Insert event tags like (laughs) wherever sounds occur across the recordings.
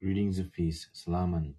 Greetings of peace, Salaman.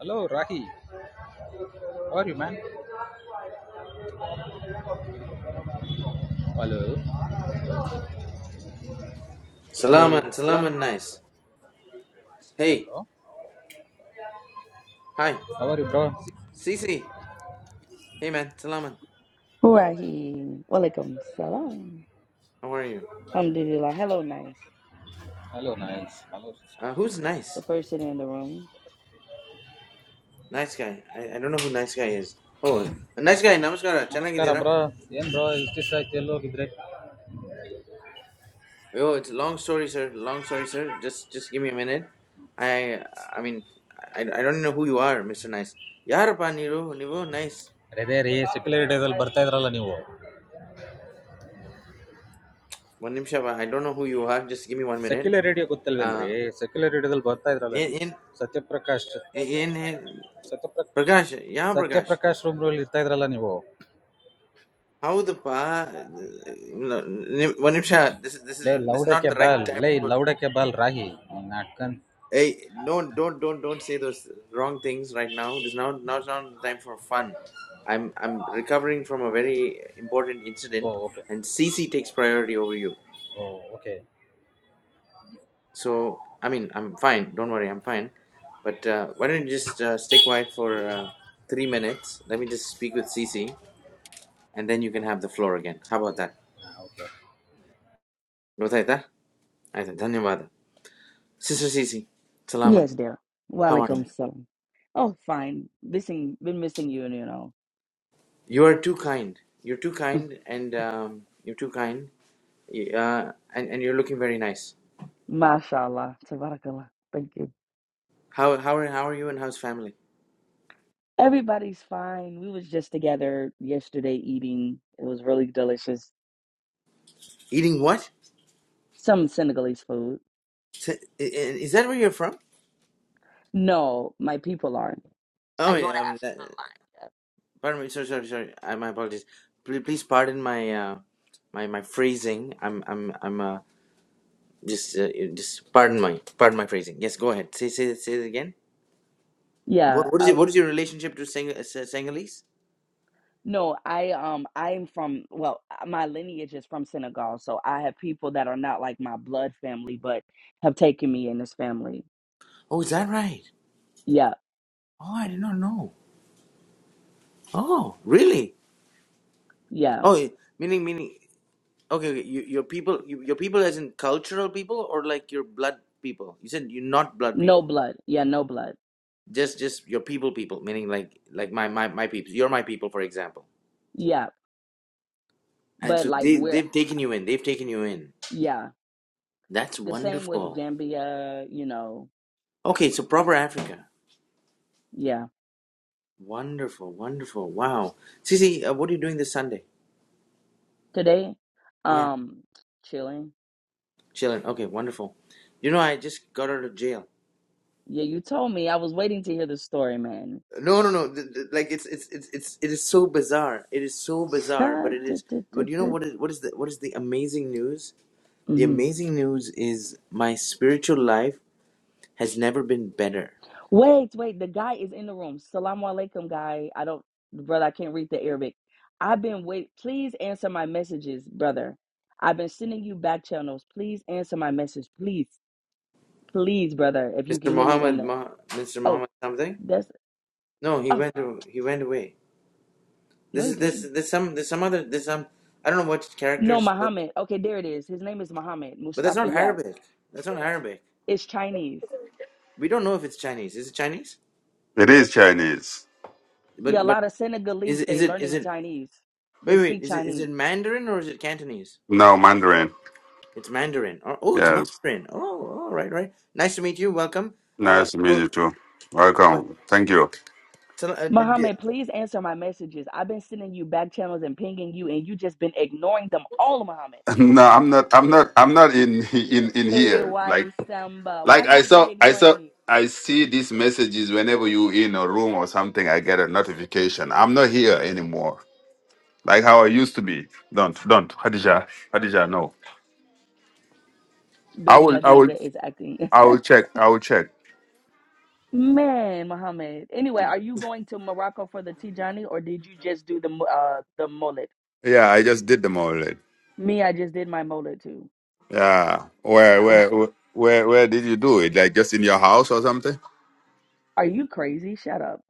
Hello, Rahi. How are you, man? Hello. Hello. Salaman, ಸಲಾಮ್ Salaman, nice. Hey, Hello. hi, How are you, bro? Cece. Hey, man, Salaman. Wahi. Walaikum salam. How are you? Alhamdulillah. Hello, nice. Hello, nice. Hello, sister. Uh, who's The nice? person in the room. Nice guy. I, I don't know who nice guy is. Oh, a nice guy. Namaskara. ನಮಸ್ಕಾರ Chanagidera. Bro ಏನ್ bro ಇಷ್ಟಿಷ್ಟ ಆಯ್ತು ಎಲ್ಲಿ ಹೋಗಿದ್ರಿ Oh, it's a long story, sir. Long story, sir. Just, just give me a minute. I, I mean, I, I don't know who you are, Mister Nice. Yarapa niru nivo nice. ಅದೇ ರೀ secular ಡೇದಲ್ಲಿ ಬರ್ತಾ ಇದ್ರಲ್ಲ ನೀವು One nimshaba. I don't know who you are. Just give me one minute. Secular radio Uh, ಗೊತ್ತಲ್ವೇನ್ರಿ secular ರೇಡಿಯೋದಲ್ಲಿ ಬರ್ತಾ ಇದ್ರಲ್ಲ in, ನೀವು in, ಸತ್ಯಪ್ರಕಾಶ್ in, in ಸತ್ಯಪ್ರ Prakash. Yeah, Prakash. Satyaprakash room ಅಲ್ಲಿ ಇರ್ತಾ ಇದ್ರಲ್ಲ ನೀವು How the pa? No, no. One, one. This is, this is, ಲೇ this is not ಲೌಡಕ್ಕೆ the right ಬಾಲ್ time. ಲೇ ಲೌಡಕ್ಕೆ ಬಾಲ್ ರಾಹಿ ನಾಟ್ಕನ್ Hey, don't, don't, don't, don't say those wrong things right now. This is not, now is not the time for fun. I'm, I'm recovering from a very important oh incident, okay and CC takes priority over you. Oh okay So, I mean, I'm fine. Don't worry, I'm fine. But uh, why don't you just uh, stay quiet for uh, three minutes? Let me just speak with CC, and then you can have the floor again. How about that? Okay No, I said, I said, thank you, brother. Sister Sisi, Salaman, Yes, dear. how are you? Walaikum salam. Oh, fine. Missing, been missing you, you know. You are too kind. You're too (laughs) kind, and um, you're too kind, Y- uh, and and you're looking very nice. Mashallah. Tabarakallah. Thank you. How how are how are you and how's family? Everybody's fine. We was just together yesterday eating. It was really delicious. Eating what? Some Senegalese food. S- i- i- Is that where you're from? No, my people aren't. I Oh, go to yeah. Um, Africa that, a lot. pardon me. Sorry, sorry, sorry. I, my apologies. Please, please pardon my uh, my my phrasing. I'm I'm I'm uh, just uh, just pardon my pardon my phrasing. Yes, go ahead. Say say say it again. What what Yeah, is it? What is your relationship to Sing- uh, Sa- Singhalese? No, I um I'm from well, uh, my lineage is from Senegal, so I have people that are not like my blood family, but have taken me in this family. Oh, is that right? Yeah, Oh, I did not know. Oh, really? yeah. Oh, y- meaning meaning. Okay, okay. You, your people, you, your people, as in cultural people, or like your blood people. You said you're not blood No people. blood. Yeah, no blood. Just just your people, people. Meaning like like my my my people. You're my people, for example. Yeah. And But so like they we're they've taken you in. They've taken you in. yeah. That's The same with wonderful. Gambia, you know. Okay, so proper Africa. Yeah. Wonderful, wonderful. Wow. Sisi, uh, what are you doing this Sunday? Today, Yeah, um, chilling. chilling. Okay, wonderful. You know, I just got out of jail. Yeah, you told me. I was waiting to hear the story, man. No, no, no. th- th- Like it's it's it's it's it is so bizarre. It is so bizarre, (laughs) but it is. But you know what is what is the what is the amazing news? The Mm-hmm. amazing news is my spiritual life has never been better. Wait, wait. The guy is in the room. Salaam alaikum, guy. I don't, brother. I can't read the Arabic. I've been wait. Please answer my messages, brother. I've been sending you back channels. Please answer my message, please, please, brother. If you can Mr. hear me in Muhammad, the Mah, Mr. oh, Muhammad something? that's No, he oh went a- he went away. This no, he is this didn't. there's some there's some other there's some I don't know what No, characters, but Muhammad. Okay, there it is. His name is Muhammad that's Mustafa. not Yeah, Arabic. That's not Arabic. it's Chinese. We don't know if it's Chinese. Is it Chinese? It is Chinese. Yeah, a But but lot of is Senegalese. it- is They it is learning it Chinese. They wait wait speak is it is Chinese. it Mandarin or is it Cantonese? No, Mandarin. It's Mandarin. Oh, oh, it's Yes. Mandarin. Oh, all right, right. Nice to meet you. Welcome. Uh, Nice to meet go, go you too. ahead. Welcome. Thank you. So, uh, did you- Muhammad, please answer my messages. I've been sending you back channels and pinging you, and you just been ignoring them all, Muhammad. (laughs) No, I'm not I'm not I'm not in (laughs) in in Hey, here. Like why Samba? Why like I you be saw I ignoring saw me? I see these messages whenever you in a room or something I get a notification. I'm not here anymore. Like how I used to be. Don't don't Hadija Hadija no. I Baby will I will Hadija is acting. I will check I will check. (laughs) Man, Muhammad. Anyway, are you going to Morocco for the Tijani, or did you just do the mu- uh the mullet? Yeah, I just did them already. Me, I just did my mullet too. Yeah. Where Uh, where where where did you do it? Like just in your house or something? Are you crazy? Shut up.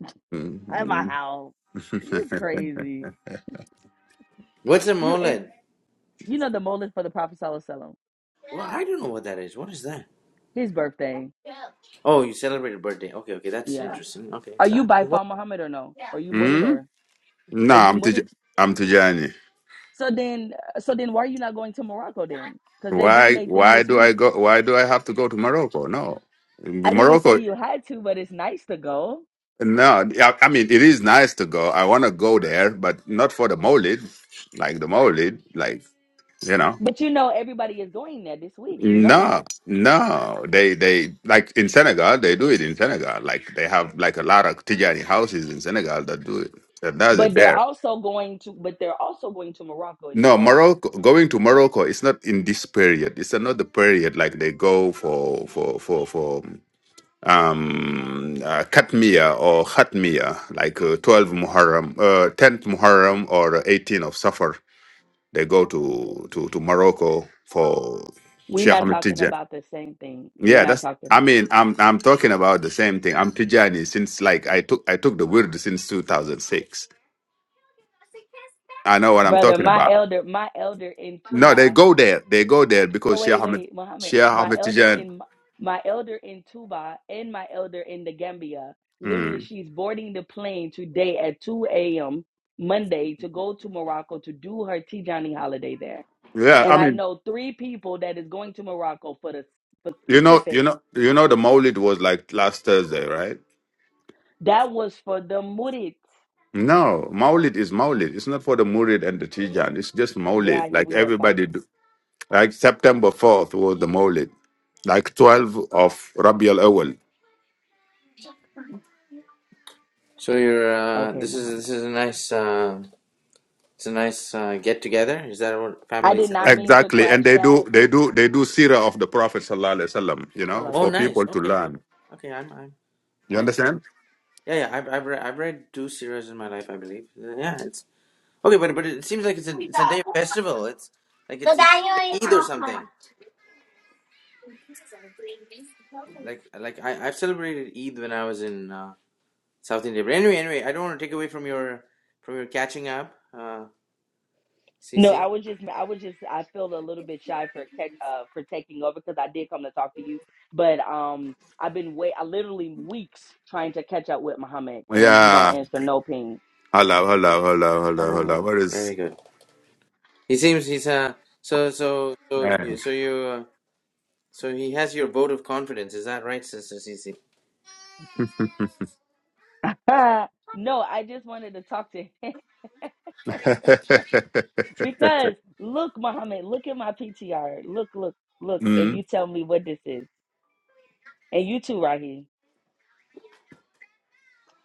(laughs) I'm a Mhm. howl. You (laughs) crazy? What's a You and Moled? you know the mullet for the Prophet Sallallahu Alaihi Wasallam. Well, I don't know what that is. What is that? His birthday. Oh, you celebrated birthday. Okay, okay, that's Yeah. interesting. Okay. Are you Ah, by what? Fal Muhammad or no? Are you mudded Hmm? or No, are you I'm mudded? Tij- I'm Tijani. So then, so then, why are you not going to Morocco then? Because they doing Why their thing why this do week. I go why do I have to go to Morocco? No. I didn't say Morocco you had to, but it's nice to go. no, I I mean it is nice to go. I want to go there, but not for the Maulid, like the Maulid, like you know. But you know, everybody is going there this week. You know No, that. no, they they like in Senegal they do it in Senegal. Like they have like a lot of Tijani houses in Senegal that do it. That does But it they're also going to, but they're also going to Morocco, and you No, know that. Morocco going to Morocco is not in this period. It's another period like they go for for for for um uh, Katmiya or Khatmiya, like uh, 12 Muharram, uh, 10th Muharram or 18 of Safar. They go to to to Morocco for We're Sheikh not Ahmed talking Tijan. about the same thing. We're Yeah, not that's I talking, mean, I'm I'm talking about the same thing. I'm Tijani since like I took I took the word since 2006. I know what I'm brother. talking My about. elder, my elder in No, they Tuba go there. They go there Oh because Shia wait, Hamid, wait, Muhammad, Shia my elder Hamidtijan. in my elder in Tuba and my elder in the Gambia. Literally, Mm. she's boarding the plane today at 2 a.m. Monday to go to Morocco to do her Tijani holiday there. Yeah, I And I mean, know three people that is going to Morocco for the for you know, you specific. know, you know, the Maulid was like last Thursday, right? That was for the Murid. No, Maulid is Maulid. It's not for the Murid and the Tijan. It's just Maulid. Rahi, Like we are everybody fighting. do. Like September fourth was the Maulid. Like twelve of Rabi al Awal. So you're uh, Okay, this is Muhammad. this is a nice uh, it's a nice uh, get together. Is that what I family did celebration? not mean to Exactly, and crash they do, that. they do, they do Sirah of the Prophet sallallahu alaihi wasallam. You know, Salah, Oh, for salam. nice. people to Okay, oh, learn. okay. I'm I'm You I I understand? don't, yeah yeah. I've I've read, I've read two series in my life, I believe. Yeah, it's Okay, but but it seems like it's a it's a day festival. It's like it's it's like Eid or something. Like like I I've celebrated Eid when I was in uh, South India. But anyway, anyway, I don't want to take away from your from your catching up, uh, No, CC. I was just, I was just, I feel a little bit shy for tech, uh for taking over because I did come to talk to you, but um, I've been wait, I literally weeks trying to catch up with Muhammad, and he don't Yeah. answer no ping. Hello, hello, hello, hello, hello. Subhanallah, Where is? very good. He seems he's uh so so so Hey. you so you uh, so he has your vote of confidence. Is that right, Sister CC? (laughs) (laughs) no, I just wanted to talk to him (laughs) because look, Muhammad, look at my PTR, look, look, look, and you mm, tell me what this is, and you too, Raheem.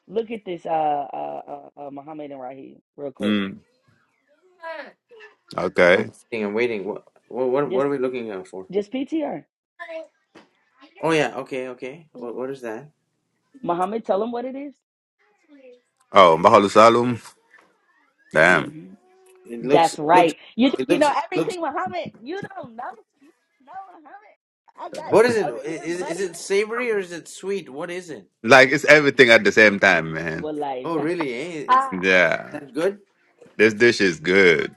Look at this, uh, uh, uh, uh Muhammad and Raheem, real quick. mm. I'm Okay. waiting. I'm waiting. What what Just, what are we looking out for? just PTR. Oh yeah. Okay. Okay. What what is that? Muhammad, tell him what it is. Oh, Mahalo Salum. Damn. Mm-hmm. It looks That's looks right. You think it you know looks looks everything, Muhammad? You don't know. You don't know Muhammad. I got What this is it? over I- here, Is is buddy. it savory or is it sweet? What is it? Like it's everything at the same time, man. Wallahi. Oh, (laughs) really? Eh? Is Wallahi Yeah. that good? This dish is good.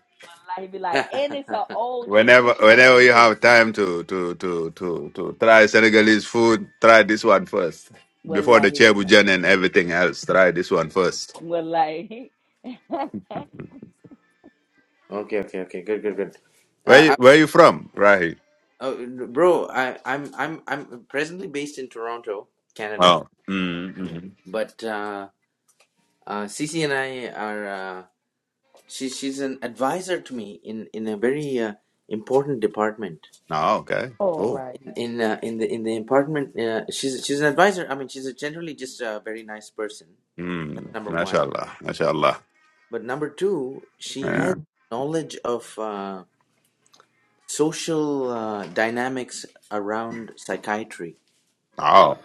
be (laughs) like, and it's an okay, old Whenever traditional whenever one you too. have time to to to to to try Senegalese food, try this one first. Before the Wallahi be like, chebujan and everything else, try this one first. Wallahi. (laughs) okay, okay. Good, good, good. Where you, Uh, where you from? Right. I, uh, bro, I, I'm I'm I'm presently based in Toronto, Canada, Oh. mm, Mm-hmm. but uh, uh, Cece and I are uh, she she's an advisor to me in in a very uh, important department Oh, okay. All Cool. right. in uh, in the in the department. Uh, she's she's an advisor. I mean, she's a generally just a very nice person. That's Mm, number one mashallah. Mashallah. But number two, she Yeah. has knowledge of uh, social uh, dynamics around psychiatry. Oh,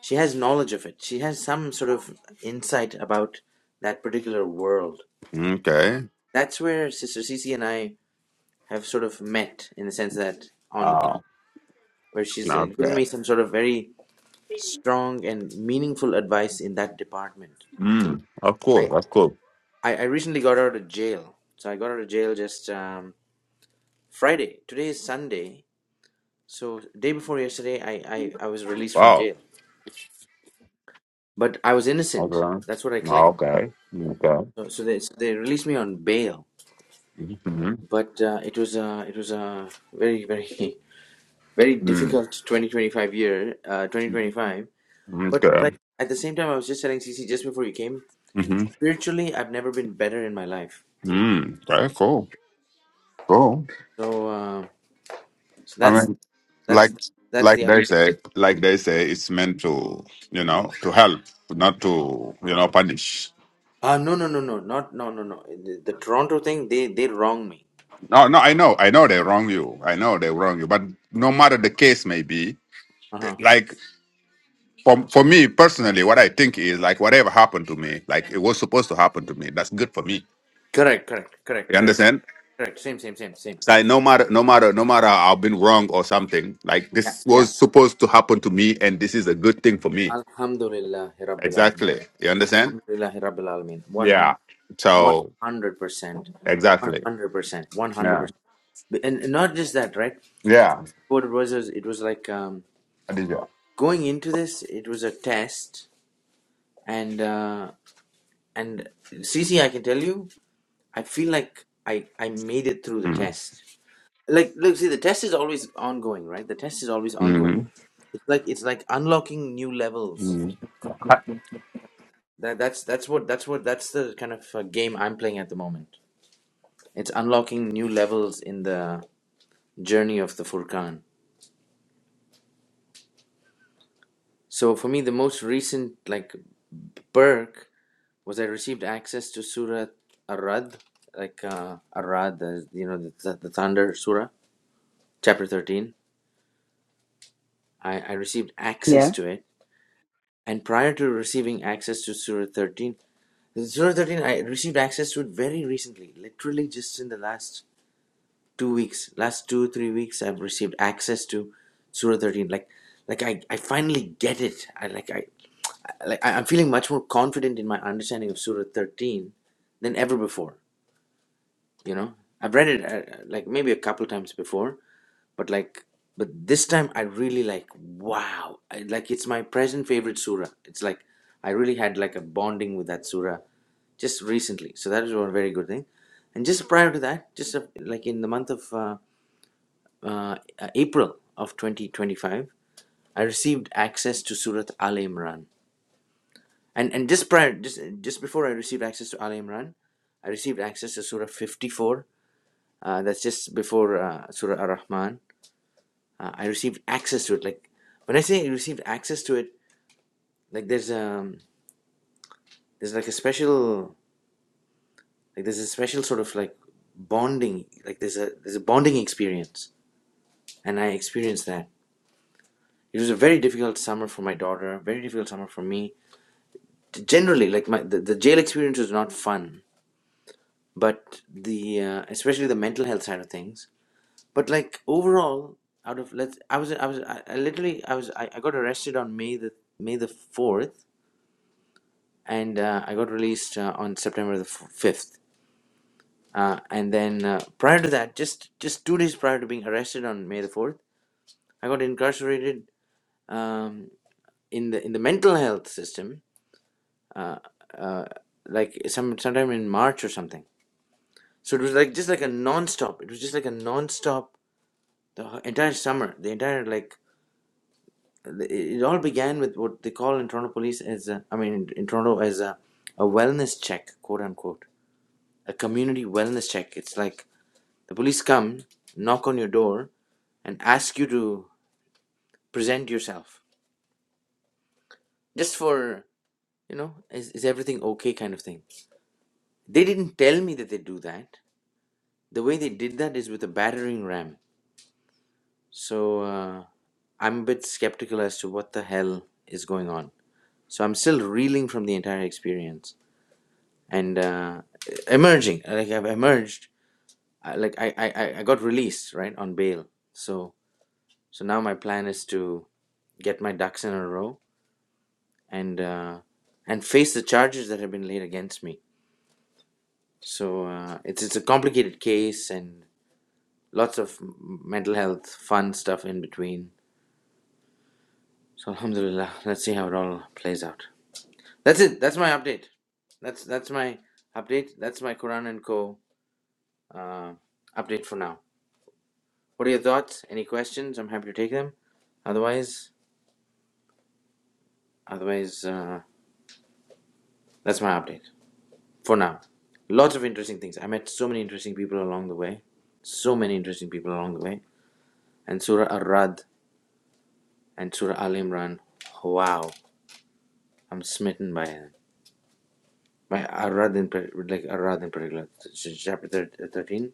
She has knowledge of it. She has some sort of insight about that particular world. okay. That's where Sister Cece and I have sort of met in the sense that on Oh, where she's uh, given okay. me some sort of very strong and meaningful advice in that department. Mm, of course, I of course. I, I recently got out of jail, so I got out of jail just um, Friday. Today is Sunday, So day before yesterday, I, I, I was released from Wow. jail, but I was Okay. innocent. That's what I Oh, claim. Okay. Okay. So, so they so they released me on bail, Mm-hmm. but uh, it was uh, it was a very very (laughs) very Mm, difficult 2025 year uh, 2025. But okay. like at the same time, I was just telling CC just before you came. Mm-hmm. Spiritually, I've never been better in my life. Mm, okay, cool. Cool. So uh, so I that's mean, like, that's that's like the they say, like they say, it's meant to, you know, to help, not to, you know, punish. uh, no no no no not no no no the, the Toronto thing they they wrong me. No, no, I know, I know they wrong you. I know they wrong you, but no matter the case may be, Uh huh. like. for for me personally, what I think is like whatever happened to me, like it was supposed to happen to me. That's good for me. Correct correct correct You correct understand? Correct. Same, same, same, same. It's like no matter no matter no matter I've been wrong or something, like Yeah, this yeah. was supposed to happen to me and this is a good thing for me. Alhamdulillah, Rabbil Alameen. Exactly. You understand? Alhamdulillah, Rabbil Alameen. 100, Yeah. So 100%. exactly. 100%. Yeah. 100%. And and not just that, right? Yeah. What it was, is it was like um, Adija. going into this, it was a test. And, uh, and CC, I can tell you, I feel like I, I made it through the Mm. test. Like, look, see, the test is always ongoing, right? The test is always ongoing. Mhm. It's like, it's like unlocking new levels Mhm. That, that's that's what that's what that's the kind of uh, game I'm playing at the moment. It's unlocking new levels in the journey of the Furkan. So for me, the most recent like perk was I received access to Surah Arad, like uh, Arad, uh, you know, the, the, the Thunder Surah, chapter thirteen. I, I received access Yeah. to it, and prior to receiving access to Surah thirteen, Surah thirteen, I received access to it very recently, literally just in the last two weeks, last two three weeks, I've received access to Surah 13. Like, like I, I finally get it. I like I, I- like I- I'm feeling much more confident in my understanding of Surah 13 than ever before. You know, I've read it uh, like maybe a couple times before, but like, but this time I really like. Wow, I, like it's my present favorite surah. It's like I really had like a bonding with that surah just recently. So that is one very good thing. And just prior to that, just uh, like in the month of uh, uh, uh, April of 2025, I received access to Surat Al Imran. And and just prior, just just before I received access to Al Imran, I received access to Surah 54. Uh, that's just before uh, Surah Ar Rahman. Uh, I received access to it. Like when I say I received access to it, like there's um there's like a special like there's a special sort of like bonding like there's a there's a bonding experience, and I experienced that. It was a very difficult summer for my daughter, very difficult summer for me generally like my the, the jail experience was not fun but the uh, especially the mental health side of things but like overall out of let's i was i was i, I literally i was I, I got arrested on may the may the 4th and uh, i got released uh, on september the 5th uh, and then uh, prior to that just just two days prior to being arrested on may the 4th i got incarcerated um, in the in the mental health system like some sometime in march or something So it was like just like a non-stop. It was just like a non-stop the entire summer. The entire like it it all began with what they call in Toronto police as a, I mean in, in Toronto as a, a wellness check, quote unquote, a community wellness check. It's like the police come, knock on your door, and ask you to present yourself just for you know is, is everything okay kind of thing. They didn't tell me that they do that. The way they did that is with a battering ram. So uh, I'm a bit skeptical as to what the hell is going on. So I'm still reeling from the entire experience and uh, emerging. Like I've emerged. I, like I, I, I I got released right on bail. So so now my plan is to get my ducks in a row and uh, and face the charges that have been laid against me. So uh, it's it's a complicated case and lots of m- mental health fun stuff in between. So alhamdulillah, let's see how it all plays out. That's it. That's my update. That's that's my update. That's my Quran and Co. Uh, update for now. What are your thoughts? Any questions? I'm happy to take them. Otherwise, otherwise, uh, that's my update for now. Lots of interesting things. I met so many interesting people along the way. So many interesting people along the way. And Surah Ar-Rad and Surah Al Imran. Wow, I'm smitten by them. By Ar-Rad in par- like Ar-Rad in particular, ch- chapter thir- thirteen.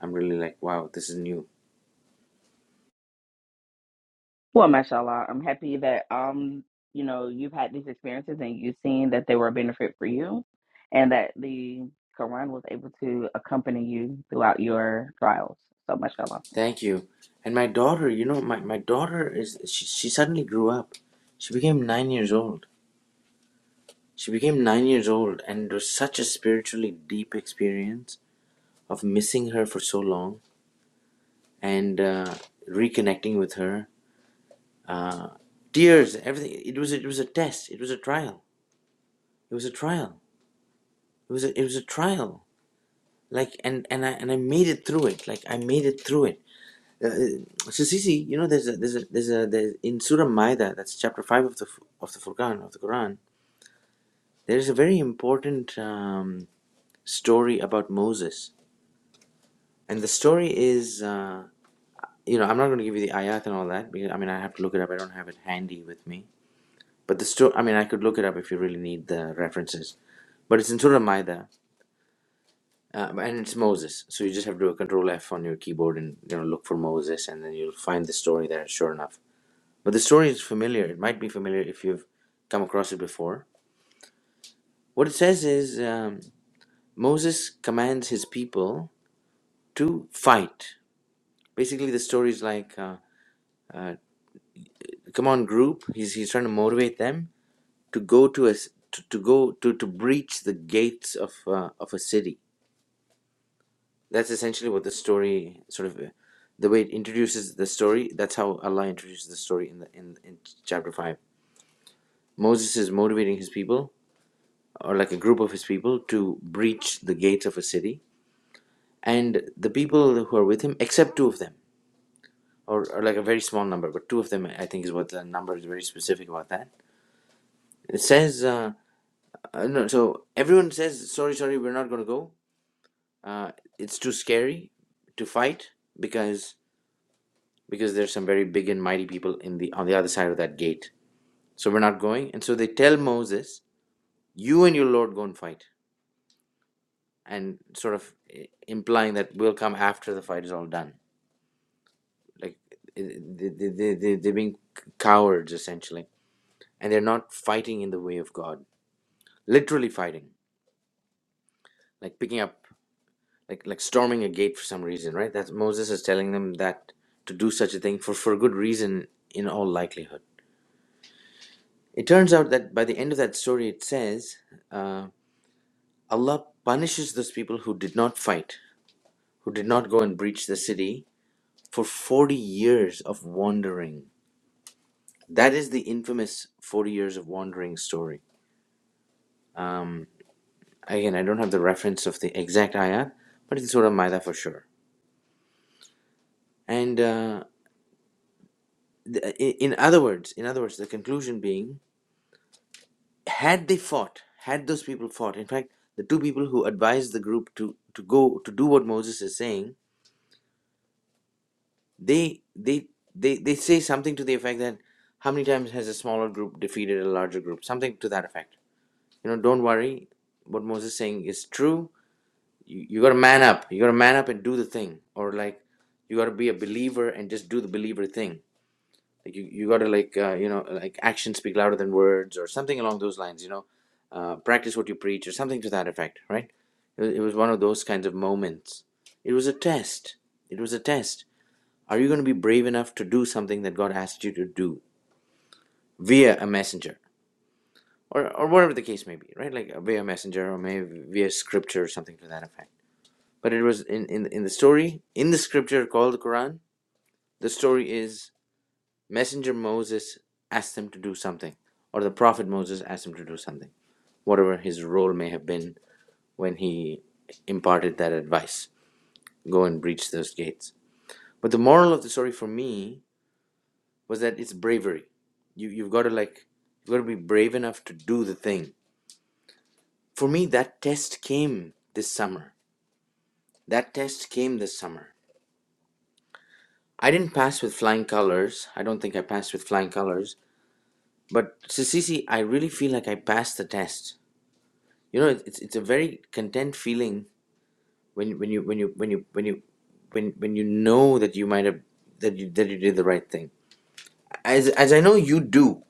I'm really like, wow, this is new Well, mashallah, I'm happy that um, you know, you've had these experiences and you've seen that they were a benefit for you, and that the Quran was able to accompany you throughout your trials. So, mashallah. Thank you. And my daughter, you know, my, my daughter is she, she suddenly grew up. She became nine years old. She became nine years old, and it was such a spiritually deep experience of missing her for so long and uh, reconnecting with her. Uh, tears, everything. It was it was a test. It was a trial. It was a trial. It was a, it was a trial. Like and and I and I made it through it. Like I made it through it Uh, uh, so Sisi, you know, there's a, there's a, there's a, there's, in Surah Maida, that's chapter five of the of the Furqan of the Quran. There is a very important um, story about Moses, and the story is, uh, you know, I'm not going to give you the ayat and all that because I mean I have to look it up. I don't have it handy with me. But the story, I mean, I could look it up if you really need the references. But it's in Surah Maida, uh, and it's Moses. So you just have to do a Control F on your keyboard and you know look for Moses, and then you'll find the story there. Sure enough But the story is familiar. It might be familiar if you've come across it before. What it says is um, Moses commands his people to fight. Basically, the story is like, uh, come on, group. He's he's trying to motivate them to go to a s- to, to go to to breach the gates of uh, of a city. That's essentially what the story sort of. uh, the way it introduces the story, that's how Allah introduces the story in the in, in chapter five. Moses is motivating his people or like a group of his people to breach the gates of a city and the people who are with him except two of them or, or like a very small number but two of them i think is what the number is very specific about that it says uh, uh, no, so everyone says sorry sorry we're not going to go uh, it's too scary to fight because because there's some very big and mighty people in the on the other side of that gate so we're not going and so they tell moses you and your lord go and fight and sort of eh, implying that we'll come after the fight is all done like eh, they, they, they, they, they're being cowards essentially and they're not fighting in the way of god literally fighting like picking up like like storming a gate for some reason right that's moses is telling them that to do such a thing for for good reason in all likelihood it turns out that by the end of that story it says uh, allah punishes those people who did not fight who did not go and breach the city for 40 years of wandering that is the infamous 40 years of wandering story again i don't have the reference of the exact ayat but it's surah maida for sure and uh, the, i- in other words in other words the conclusion being had they fought had those people fought in fact the two people who advised the group to to go to do what moses is saying they they they, they say something to the effect that how many times has a smaller group defeated a larger group something to that effect you know don't worry what moses is saying is true you, you gotta man up you gotta man up and do the thing or like you gotta be a believer and just do the believer thing like you, you gotta like uh, you know like actions speak louder than words or something along those lines you know uh, practice what you preach or something to that effect right it, wa- it was one of those kinds of moments it was a test it was a test are you gonna be brave enough to do something that god asked you to do via a messenger or, or whatever the case may be right like uh, via messenger or maybe via scripture or something to that effect but it was in, in in the story in the scripture called the Quran. The story is messenger Moses asked them to do something, or the prophet Moses asked him to do something, whatever his role may have been when he imparted that advice. Go and breach those gates. But the moral of the story for me was that it's bravery. You you've got to like you've got to be brave enough to do the thing. For me, that test came this summer. That test came this summer I didn't pass with flying colors. I don't think I passed with flying colors. But Sissisi, I really feel like I passed the test. You know, it's it's a very content feeling when when you when you when you when you when when you know that you might have that you that you did the right thing. As as I know you do,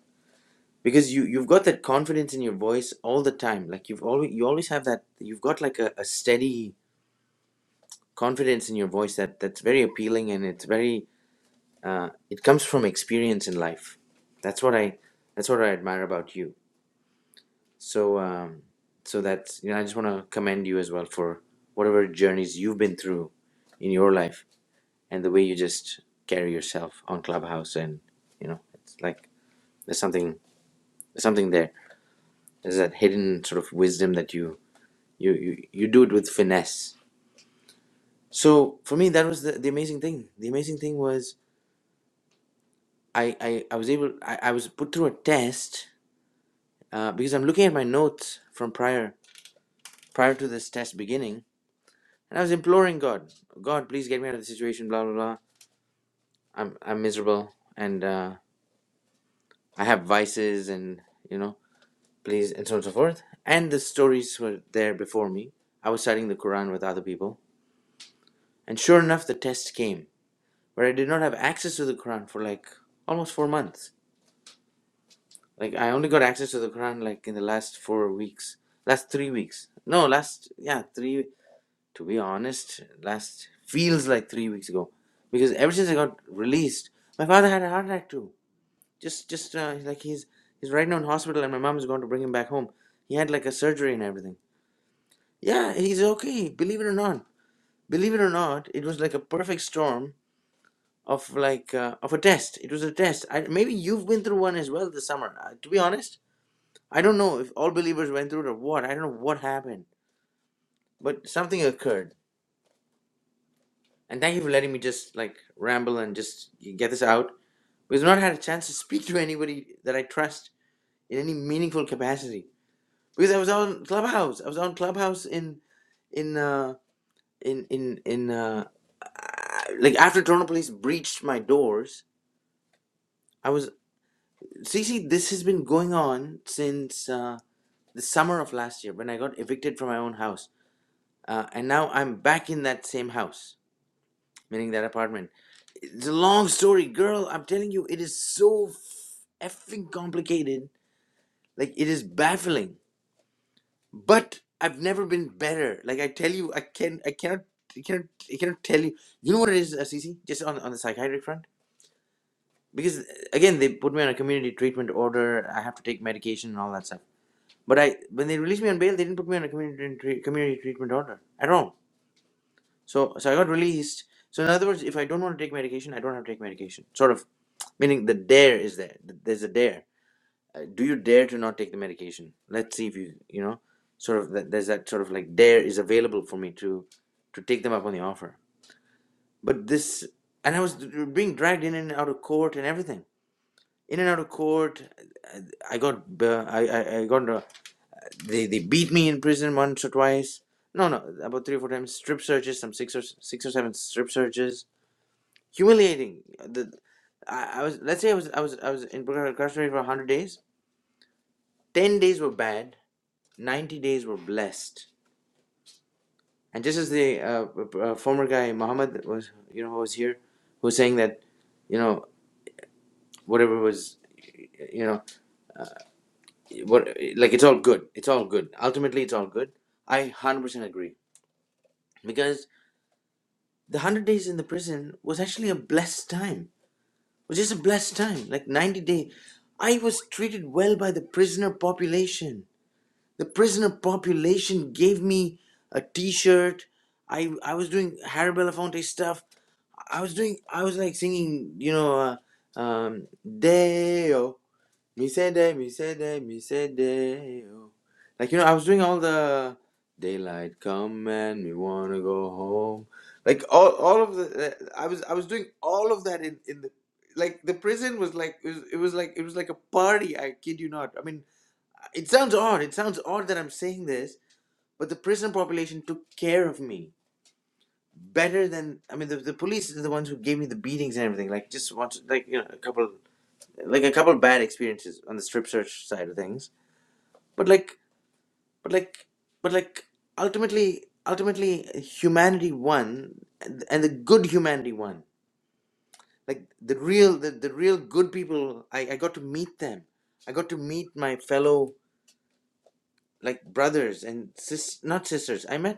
because you you've got that confidence in your voice all the time. Like you've always you always have that. You've got like a, a steady confidence in your voice that that's very appealing and it's very uh, it comes from experience in life. That's what I that's what I admire about you. So um, so that's you know I just want to commend you as well for whatever journeys you've been through in your life and the way you just carry yourself on Clubhouse and you know it's like there's something there's something there. There's that hidden sort of wisdom that you you you, you do it with finesse. So for me that was the, the amazing thing. The amazing thing was I, I, I was able I, I was put through a test uh, because I'm looking at my notes from prior prior to this test beginning, and I was imploring God, God, please get me out of the situation. Blah blah blah. I'm I'm miserable, and uh, I have vices, and you know, please, and so on and so forth. And the stories were there before me. I was studying the Quran with other people, and sure enough, the test came where I did not have access to the Quran for like almost four months. Like I only got access to the Quran like in the last four weeks, last three weeks. No, last yeah three to be honest, last feels like three weeks ago, because ever since I got released, my father had a heart attack too. Just, just uh, like he's he's right now in hospital, and my mom's going to bring him back home. He had like a surgery and everything. Yeah, he's okay. Believe it or not, believe it or not, it was like a perfect storm of like uh, of a test. It was a test. I, maybe you've been through one as well this summer. Uh, to be honest, I don't know if all believers went through it or what. I don't know what happened, but something occurred And thank you for letting me just like ramble and just get this out. Because I've not had a chance to speak to anybody that I trust in any meaningful capacity. Because I was on Clubhouse. I was on Clubhouse in in uh in in in uh like after Toronto police breached my doors. I was see see this has been going on since uh the summer of last year when I got evicted from my own house. Uh, and now I'm back in that same house, meaning that apartment. It's a long story, girl. I'm telling you, it is so effing complicated. Like it is baffling. But I've never been better. Like I tell you, I can, I cannot, I cannot, I cannot tell you. You know what it is, uh, Cece? Just on on the psychiatric front, because uh, again, they put me on a community treatment order. I have to take medication and all that stuff. But I, when they released me on bail, they didn't put me on a community tre- community treatment order at all. So so I got released. So in other words, if I don't want to take medication, I don't have to take medication. Sort of meaning the dare is there. Th- There's a dare. Uh, Do you dare to not take the medication? Let's see if you you know sort of that there's that sort of like dare is available for me to to take them up on the offer. But this and I was being dragged in and out of court and everything. In and out of court, uh, I got uh, I, I I got uh, they they beat me in prison once or twice. No, no, about three or four times. Strip searches, some six or six or seven strip searches humiliating. The I, I was let's say I was I was I was in incarcerated for a hundred days. Ten days were bad. Ninety days were blessed. And just as the uh, uh, former guy Muhammad was, you know, who was here, who was saying that, you know, whatever was, you know, what like it's all good. It's all good. Ultimately, it's all good. I hundred percent agree because the hundred days in the prison was actually a blessed time. It was just a blessed time, like ninety day. I was treated well by the prisoner population. the prisoner population gave me a t-shirt i i was doing harry belafonte stuff i was doing i was like singing you know uh, um deo mi se de like you know i was doing all the daylight come and we wanna go home like all all of the i was i was doing all of that in in the like the prison was like it was, it was like it was like a party i kid you not i mean it sounds odd. It sounds odd that I'm saying this, but the prison population took care of me better than I mean the, the police are the ones who gave me the beatings and everything. Like just want like you know a couple like a couple bad experiences on the strip search side of things. But like but like but like ultimately ultimately humanity won and, and the good humanity won. Like the real the, the real good people I, I got to meet them. I got to meet my fellow like brothers and sis not sisters. I met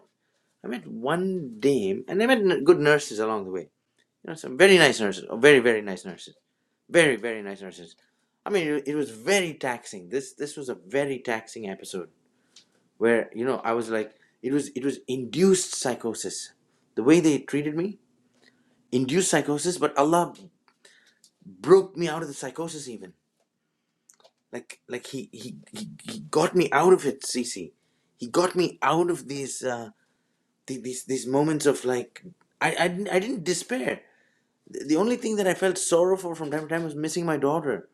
I met one dame, and I met good nurses along the way. You know, some very nice nurses, oh, very very nice nurses, very very nice nurses. I mean, it, it was very taxing. This this was a very taxing episode where you know I was like, it was it was induced psychosis. The way they treated me, induced psychosis. But Allah broke me out of the psychosis even. Like like he he he, he got me out of it, Cece. He got me out of these uh, the- these these moments of like I I didn't, I didn't despair. the only thing that I felt sorrow for from time to time was missing my daughter.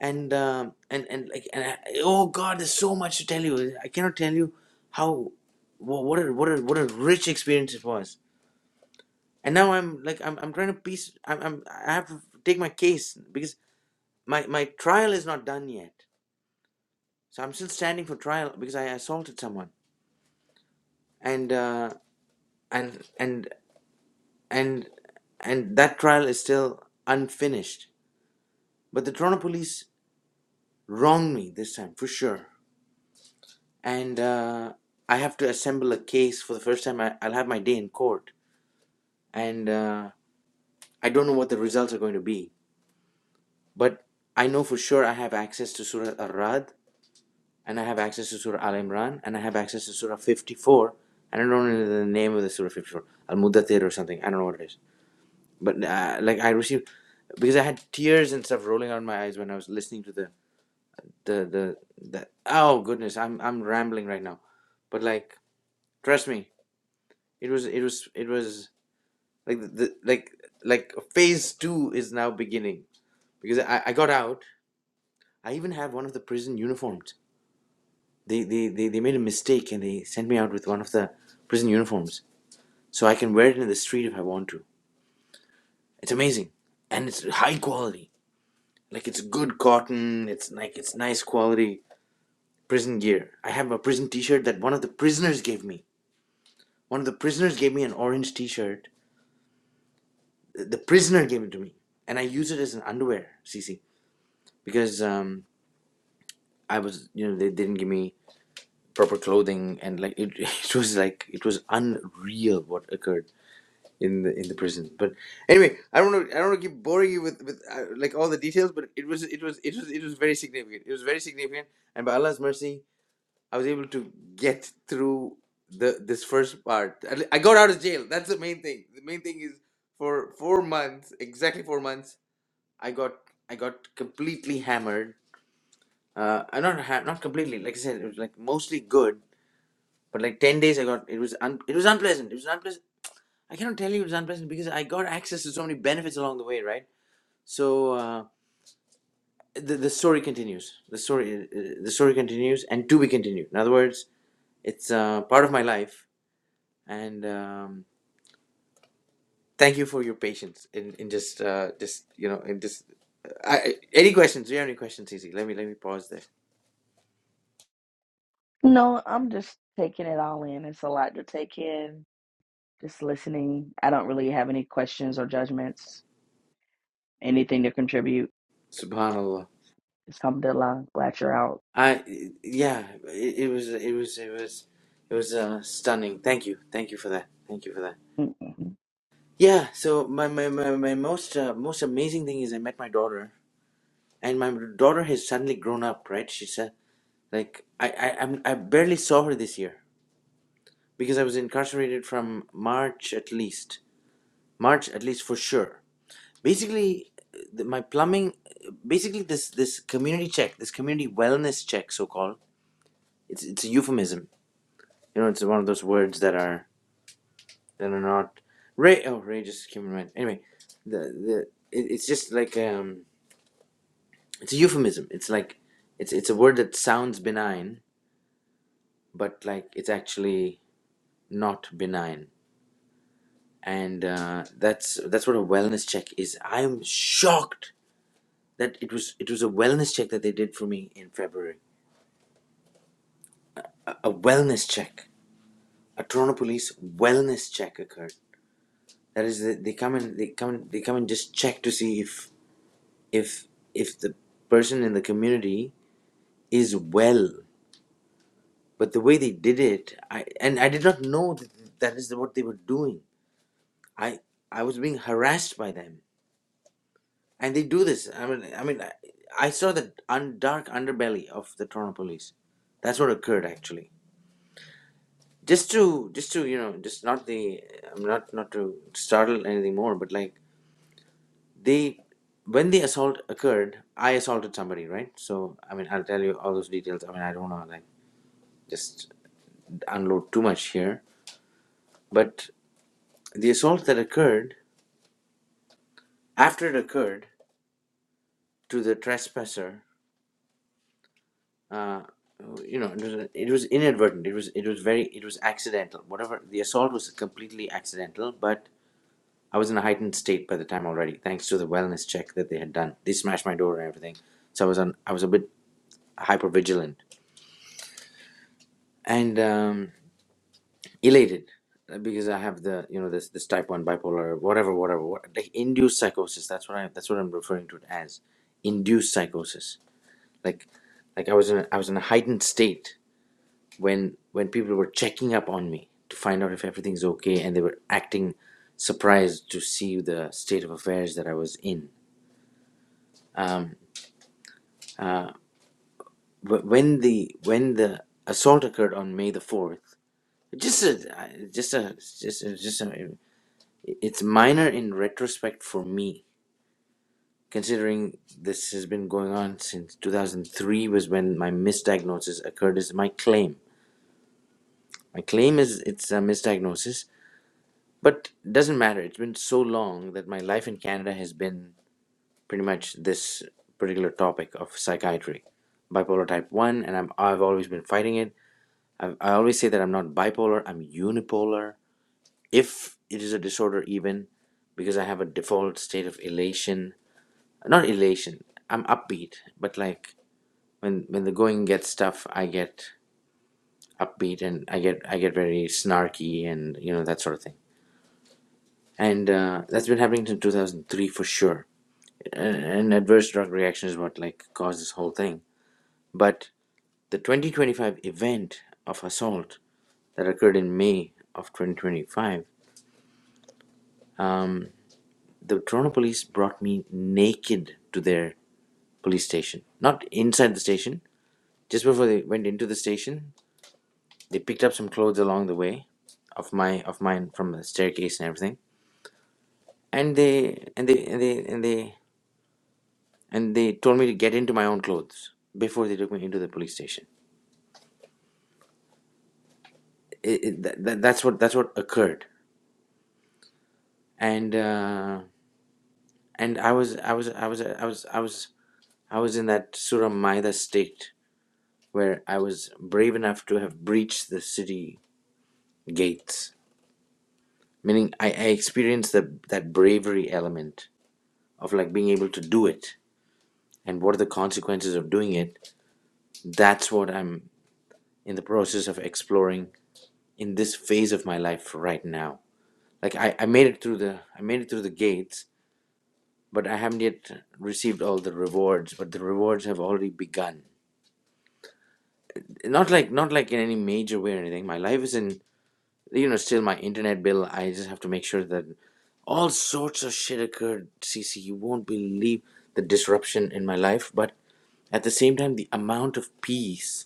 And um and and like and I, oh God, there's so much to tell you. I cannot tell you how wha- what a what a what a rich experience it was. And now I'm like I'm I'm trying to piece. I'm, I'm I have to take my case because my my trial is not done yet. So I'm still standing for trial because I assaulted someone. And uh, and and and and that trial is still unfinished. But the Toronto police wronged me this time for sure and uh, I have to assemble a case for the first time. I, I'll have my day in court, and uh, I don't know what the results are going to be. But I know for sure I have access to Surah Ar-Rad, and I have access to Surah Al Imran, and I have access to Surah 54. And I don't know the name of the Surah 54, Al Mudathir or something. I don't know what it is. But uh, like I received, because I had tears and stuff rolling out my eyes when I was listening to the the the, the oh goodness, I'm I'm rambling right now. But like, trust me, it was it was it was Like the, the like like phase two is now beginning because I, I got out. I even had one of the prison uniforms. They, they they they made a mistake and they sent me out with one of the prison uniforms, so I can wear it in the street if I want to. It's amazing, and it's high quality. Like it's good cotton. It's like it's nice quality prison gear. I have a prison T-shirt that one of the prisoners gave me. One of the prisoners gave me an orange T-shirt. The the prisoner gave it to me, and I use it as an underwear, Cece, because um, I was, you know, they didn't give me proper clothing, and like it, (laughs) it was like it was unreal what occurred in the in the prison. But anyway, I don't know. I don't want to keep boring you with with uh, like all the details, but it was it was it was it was very significant. It was very significant, and by Allah's mercy, I was able to get through the this first part. I I got out of jail. That's the main thing. The main thing is for four months, exactly four months, I got I got completely hammered uh i not ha- not completely like i said it was like mostly good but like 10 days i got it was un- it was unpleasant it was unpleasant i cannot tell you it was unpleasant because i got access to so many benefits along the way right so uh the, the story continues the story uh, the story continues and to be continued in other words it's uh part of my life and um thank you for your patience in in just uh just you know in just I, I- any questions do you have any questions Cece? let me let me pause there No, I'm just taking it all in. It's a lot to take in. Just listening. I don't really have any questions or judgments, anything to contribute. subhanallah Alhamdulillah, glad you're out. I yeah, it, it was it was it was it was uh, stunning. Thank you, thank you for that. Thank you for that. Mm-mm. Yeah. So my my my, my most uh, most amazing thing is I met my daughter, and my daughter has suddenly grown up. Right? She said like I I I'm, I barely saw her this year because I was incarcerated from March at least March at least for sure. Basically, the, my plumbing, basically this this community check, this community wellness check, so called. It's it's a euphemism You know, it's one of those words that are that are not Ray, Oh, Ray just came human mind. Anyway, the the it, it's just like um, it's a euphemism. It's like it's it's a word that sounds benign, but like it's actually not benign. And uh, that's that's what a wellness check is. I'm shocked that it was it was a wellness check that they did for me in February. A wellness check. A Toronto police wellness check occurred. That is, they they come and they come they come and just check to see if if if the person in the community is well but the way they did it i and i did not know that that is what they were doing i i was being harassed by them and they do this i mean i mean i, I saw the un, dark underbelly of the toronto police that's what occurred actually just to just to you know just not the i'm not not to startle anything more but like they when the assault occurred i assaulted somebody right so i mean i'll tell you all those details i mean i don't know like just unload too much here, but the assault that occurred after it occurred to the trespasser, uh, you know, it was, it was inadvertent. It was it was very it was accidental. Whatever the assault was completely accidental, but I was in a heightened state by the time already, thanks to the wellness check that they had done. They smashed my door and everything, so I was on. I was a bit hyper vigilant, and um, elated uh, because I have the you know this this type one bipolar whatever whatever what, like induced psychosis. That's what I that's what I'm referring to it as induced psychosis. Like like I was in a, I was in a heightened state when when people were checking up on me to find out if everything's okay, and they were acting surprised to see the state of affairs that I was in. Um, but when the when the assault occurred on May the fourth, just a just a just a, just a, it's minor in retrospect for me considering this has been going on since 2003 was when my misdiagnosis occurred is my claim my claim is it's a misdiagnosis but doesn't matter it's been so long that my life in canada has been pretty much this particular topic of psychiatry bipolar type 1 and I'm, i've always been fighting it I've, i always say that i'm not bipolar i'm unipolar if it is a disorder even because i have a default state of elation not elation i'm upbeat but like when when the going gets tough, I get upbeat and I get I get very snarky and you know that sort of thing. And uh, that's been happening since 2003 for sure. An an adverse drug reaction is what like caused this whole thing. But the 2025 event of assault that occurred in May of 2025, the Toronto police brought me naked to their police station, not inside the station. Just before they went into the station, they picked up some clothes along the way of my of mine from the staircase and everything and they and they and they and they and they told me to get into my own clothes before they took me into the police station it, it, that, that, that's what that's what occurred and uh, and i was i was i was i was i was i was in that surah maida state where i was brave enough to have breached the city gates meaning i, I experienced the, that bravery element of like being able to do it and what are the consequences of doing it that's what i'm in the process of exploring in this phase of my life right now like i, I made it through the i made it through the gates but i haven't yet received all the rewards but the rewards have already begun not like not like in any major way or anything my life is in you know still my internet bill i just have to make sure that all sorts of shit occurred cc you won't believe the disruption in my life but at the same time the amount of peace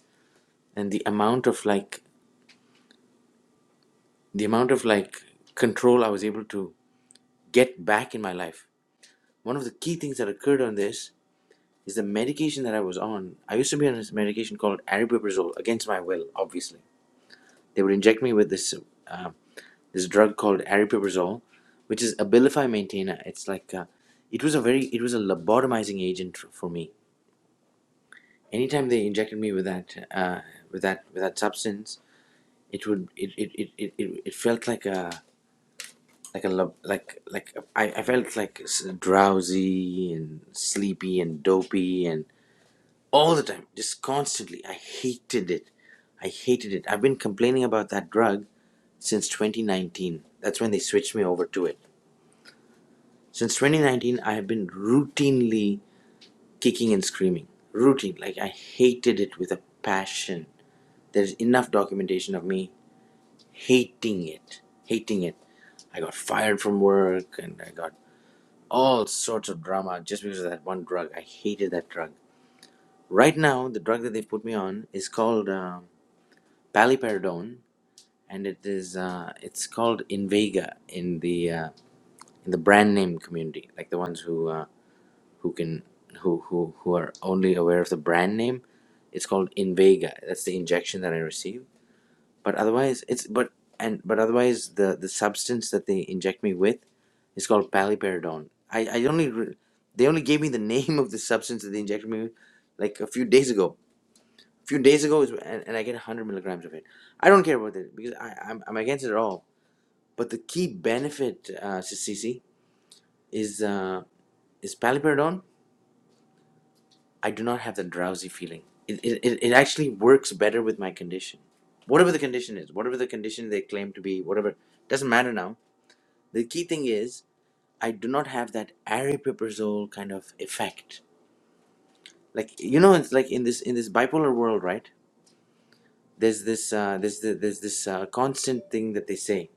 and the amount of like the amount of like control I was able to get back in my life. One of the key things that occurred on this is the medication that I was on. I used to be on this medication called aripiprazole against my will. Obviously, they would inject me with this uh, this drug called aripiprazole, which is Abilify Maintainer. It's like uh, it was a very it was a lobotomizing agent for me. Anytime they injected me with that uh, with that with that substance, it would it, it, it, it it felt like a like a lo- like like I, I felt like s- drowsy and sleepy and dopey and all the time just constantly i hated it i hated it i've been complaining about that drug since 2019 that's when they switched me over to it since 2019 i have been routinely kicking and screaming routine like i hated it with a passion there's enough documentation of me hating it hating it i got fired from work and i got all sorts of drama just because of that one drug. I hated that drug. Right now, the drug that they put me on is called uh, paliperidone, and it is uh, it's called Invega in the uh, in the brand name community, like the ones who uh, who can who who who are only aware of the brand name. It's called Invega. That's the injection that I received but otherwise it's but and but otherwise the the substance that they inject me with is called paliperidone i i only re- they only gave me the (laughs) name of the substance that they injected me with like a few days ago a few days ago is and, and i get 100 milligrams of it i don't care about it because i i'm, I'm against it at all but the key benefit uh Sissy, is uh is paliperidone i do not have the drowsy feeling it, it, it it actually works better with my condition whatever the condition is whatever the condition they claim to be whatever doesn't matter now The key thing is I do not have that aripiprazole kind of effect. Like you know, it's like in this in this bipolar world, right? There's this uh, there's the, there's this uh, constant thing that they say.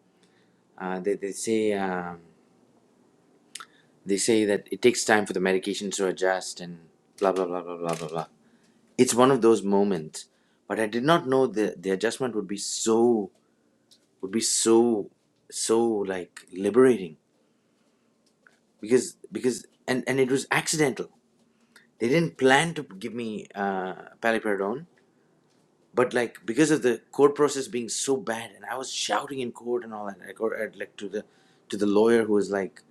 Uh, they they say um, they say that it takes time for the medications to adjust and blah blah blah blah blah blah blah. It's one of those moments, but I did not know the the adjustment would be so would be so so like liberating because because and and it was accidental They didn't plan to give me uh, paliperidone, but like because of the court process being so bad, and I was shouting in court and all that, like, or, uh, like to the to the lawyer who was like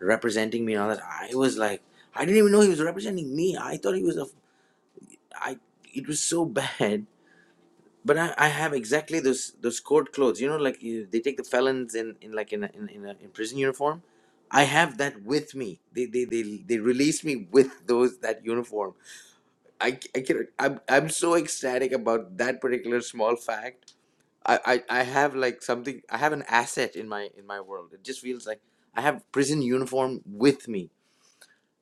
representing me and all that. I was like, I didn't even know he was representing me. I thought he was a, I. It was so bad. But I, I have exactly those those court clothes. You know, like you, they take the felons in, in like in a, in, in, a, in prison uniform. I have that with me. They they they they released me with those that uniform I I can I'm I'm so ecstatic about that particular small fact. I, I I have like something I have an asset in my in my world. It just feels like I have prison uniform with me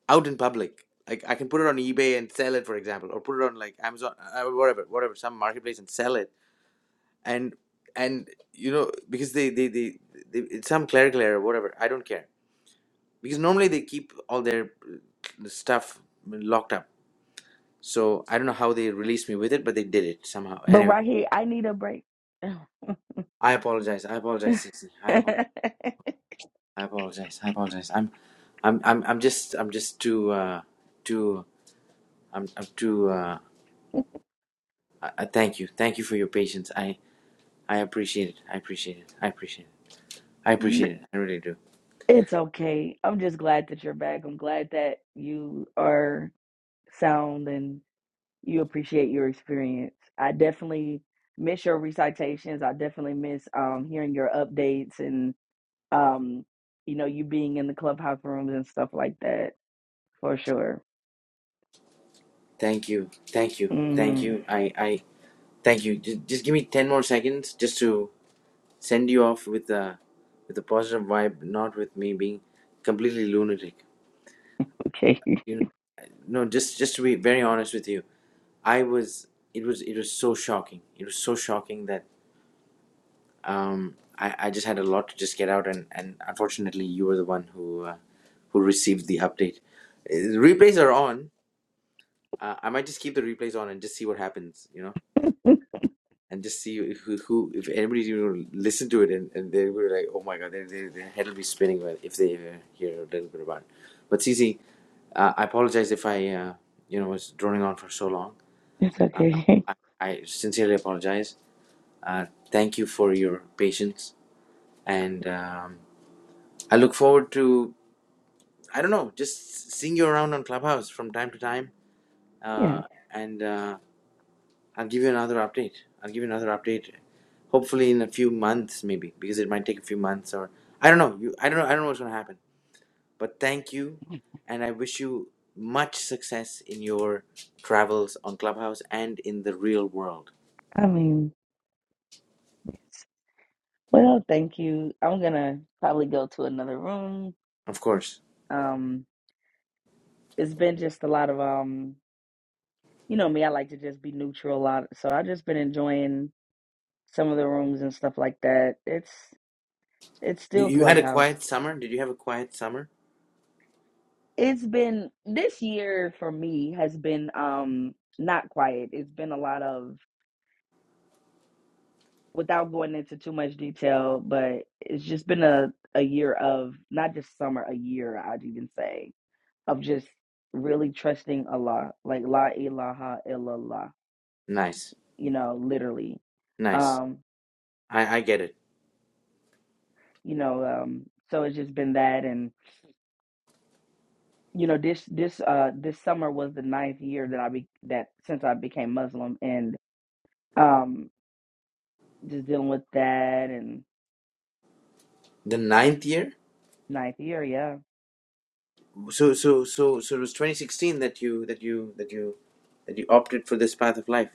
out in public. Like I can put it on eBay and sell it, for example, or put it on like Amazon, uh, uh, whatever, whatever, some marketplace and sell it. And and you know because they they they, they it's some clerical error, whatever. I don't care because normally they keep all their uh, stuff locked up So I don't know how they released me with it, but they did it somehow. But Anyway, right here, I need a break. (laughs) I apologize. I apologize, Stacey. I, apo- I apologize. I apologize. I'm, I'm, I'm, I'm just, I'm just too, uh, too, I'm, I'm too. Uh, I, I thank you. Thank you for your patience. I, I appreciate it. I appreciate it. I appreciate it. I appreciate it. I really do. it's okay. I'm just glad that you're back. I'm glad that you are sound and you appreciate your experience. I definitely miss your recitations. I definitely miss um, hearing your updates and Um, you know, you being in the clubhouse rooms and stuff like that for sure. Thank you. Thank you. Thank hmm you. I, I, thank you. Just, just give me ten more seconds, just to send you off with a, with a positive vibe, not with me being completely lunatic. Okay, You know. no just just to be very honest with you i was it was it was so shocking it was so shocking that um i i just had a lot to just get out and and unfortunately you were the one who uh, who received the update Uh, the replays are on uh, i might just keep the replays on and just see what happens you know (laughs) and just see if- who, who if anybody you know listen to it and, and they were like oh my god their, their, their head will be spinning when- if they uh, hear a little bit about it but cc uh, i apologize if i uh, you know was droning on for so long it's okay. I, I sincerely apologize. Uh, thank you for your patience, and um, I look forward to I don't know just seeing you around on Clubhouse from time to time. (laughs) yeah, Uh, and uh, I'll give you another update. I'll give you another update, hopefully in a few months, maybe because it might take a few months or I don't know. You I don't know I don't know what's gonna happen. But thank you, and I wish you much success in your travels on Clubhouse and in the real world. I mean, it's- well, thank you. I'm gonna probably go to another room. Of course. Um, it's been just a lot of um, you know me. I like to just be neutral a lot, so I've just been enjoying some of the rooms and stuff like that. It's it's You, still you had a clubhouse. quiet summer? Did you have a quiet summer? It's been this year for me has been um not quiet. It's been a lot of without going into too much detail, but it's just been a, a year of not just summer, a year, I'd even say, of just really trusting Allah, like La ilaha illallah, Nice, you know, literally. nice. Um, I, I get it. you know, um, so it's just been that and you know, this this uh this summer was the ninth year that I be that since I became Muslim and um just dealing with that and The ninth year? ninth year, yeah. So so so so it was 2016 that you that you that you that you opted for this path of life.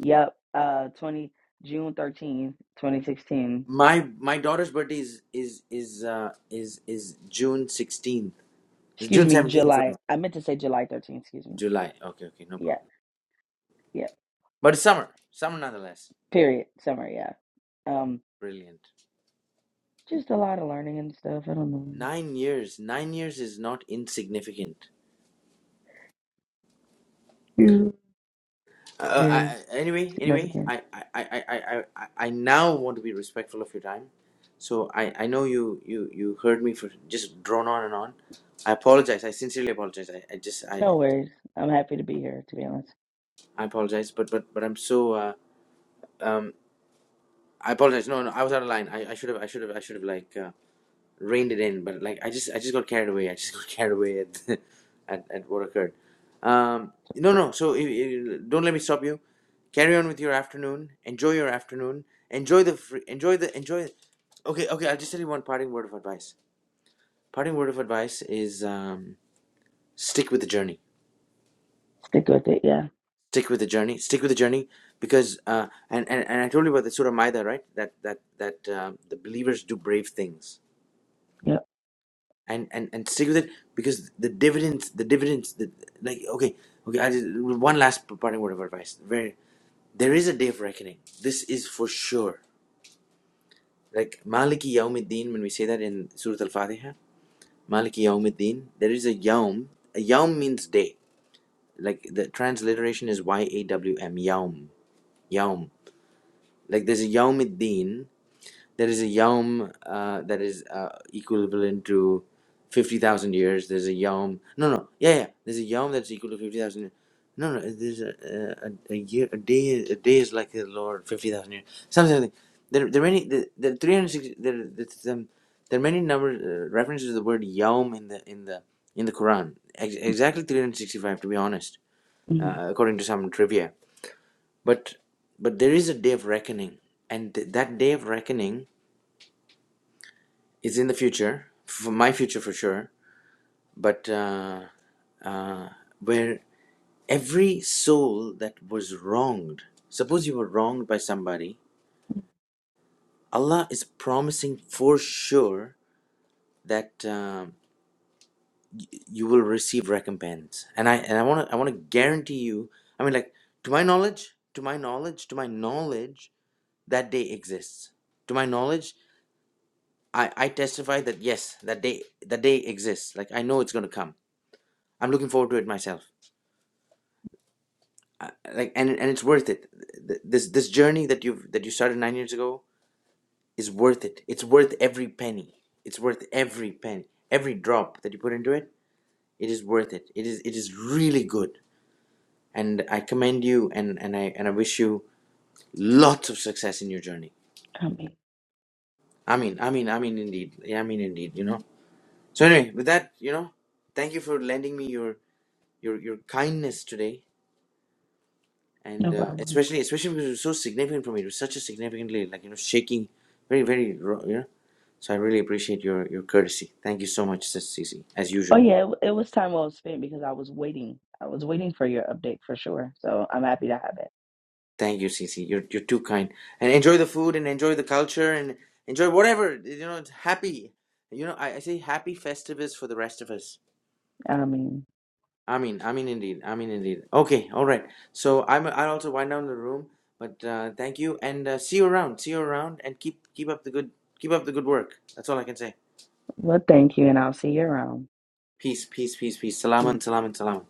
Yep. Uh twenty June thirteenth, twenty sixteen. My my daughter's birthday is is is uh, is is June 16th. It's Excuse June me, 17th, sorry. July. I meant to say July 13th. Excuse me. July. Okay, okay, no Yeah, problem. yeah. But it's summer, summer nonetheless. Period. Summer. Yeah. Um, Brilliant. just a lot of learning and stuff. I don't know. Nine years. Nine years is not insignificant. You- It Uh, I, is I- anyway, anyway, significant. I, I, I, I, I, I I now want to be respectful of your time. So I, I know you, you, you heard me for just drone on and on. I apologize. I sincerely apologize. I, I just, I, No worries. I'm happy to be here. To be honest, I apologize. But, but, but I'm so, uh, um, I apologize. No, no, I was out of line. I, I should have, I should have, I should have like. uh, reined it in, but like I just I just got carried away. I just (laughs) got carried away at (laughs) at, at what occurred. Um, no, no. So i i- don't let me stop you. Carry on with your afternoon. Enjoy your afternoon. Enjoy the free, enjoy the enjoy. Okay, okay. I'll just tell you one parting word of advice. Parting word of advice is um, stick with the journey. stick with it. Yeah. Stick with the journey. Stick with the journey because uh, and, and and I told you about the Surah Maida, right? That that that um the believers do brave things Yep. and and and stick with it because the dividends the dividends the, like okay okay I just, one last parting word of advice very there is a day of reckoning this is for sure like maliki yawmiddin when we say that in surah al-fatiha maliki yawmiddin there is a yawm a yawm means day like the transliteration is y-a-w-m yawm yawm like there's a yawmiddin There is a yom uh, that is uh, equivalent to fifty thousand years. There's a yom. No, no, yeah, yeah. There's a yom that's equal to fifty thousand. No, no. There's a, a a year. A day. A day is like the Lord. Fifty thousand years. Something like that. There, there are many. There, there are three hundred sixty. There, there's, um, there are many numbers uh, references to the word yom in the in the in the Quran. Ex- exactly three hundred sixty-five, to be honest, Mm-hmm. uh, according to some trivia. But but there is a day of reckoning, and th- that day of reckoning is in the future, for my future for sure, but uh, where every soul that was wronged, suppose you were wronged by somebody, Allah is promising for sure that um, you will receive recompense. And I and I want to I want to guarantee you. I mean, like to my knowledge, to my knowledge, to my knowledge, that day exists. To my knowledge, I I testify that yes, that day that day exists. Like I know it's going to come. I'm looking forward to it myself. like and and it's worth it Th- this this journey that you've that you started nine years ago is worth it it's worth every penny it's worth every penny every drop that you put into it it is worth it it is it is really good and i commend you and and i and i wish you lots of success in your journey I mean, i mean i mean i mean indeed yeah, i mean indeed you know so anyway with that you know thank you for lending me your your your kindness today no and uh, problem. especially especially because it was so significant for me. It was such a significantly like you know shaking, very very ro- you know. So I really appreciate your your courtesy. Thank you so much, Sis Cece, as Oh usual. yeah, it, w- it was time well spent because I was waiting. I was waiting for your update for sure. So I'm happy to have it. Thank you, Cece. You're you're too kind. And enjoy the food and enjoy the culture and enjoy whatever you know. it's Happy, you know. I, I say happy festivus for the rest of us. I mean, I mean, I mean indeed. I mean indeed. Okay, all right. So I'm I also wind down the room. But uh, thank you and uh, see you around. See you around and keep keep up the good keep up the good work. That's all I can say. well, thank you, and I'll see you around. Peace, peace, peace, peace. Salaam Peace. and salaam and salaam.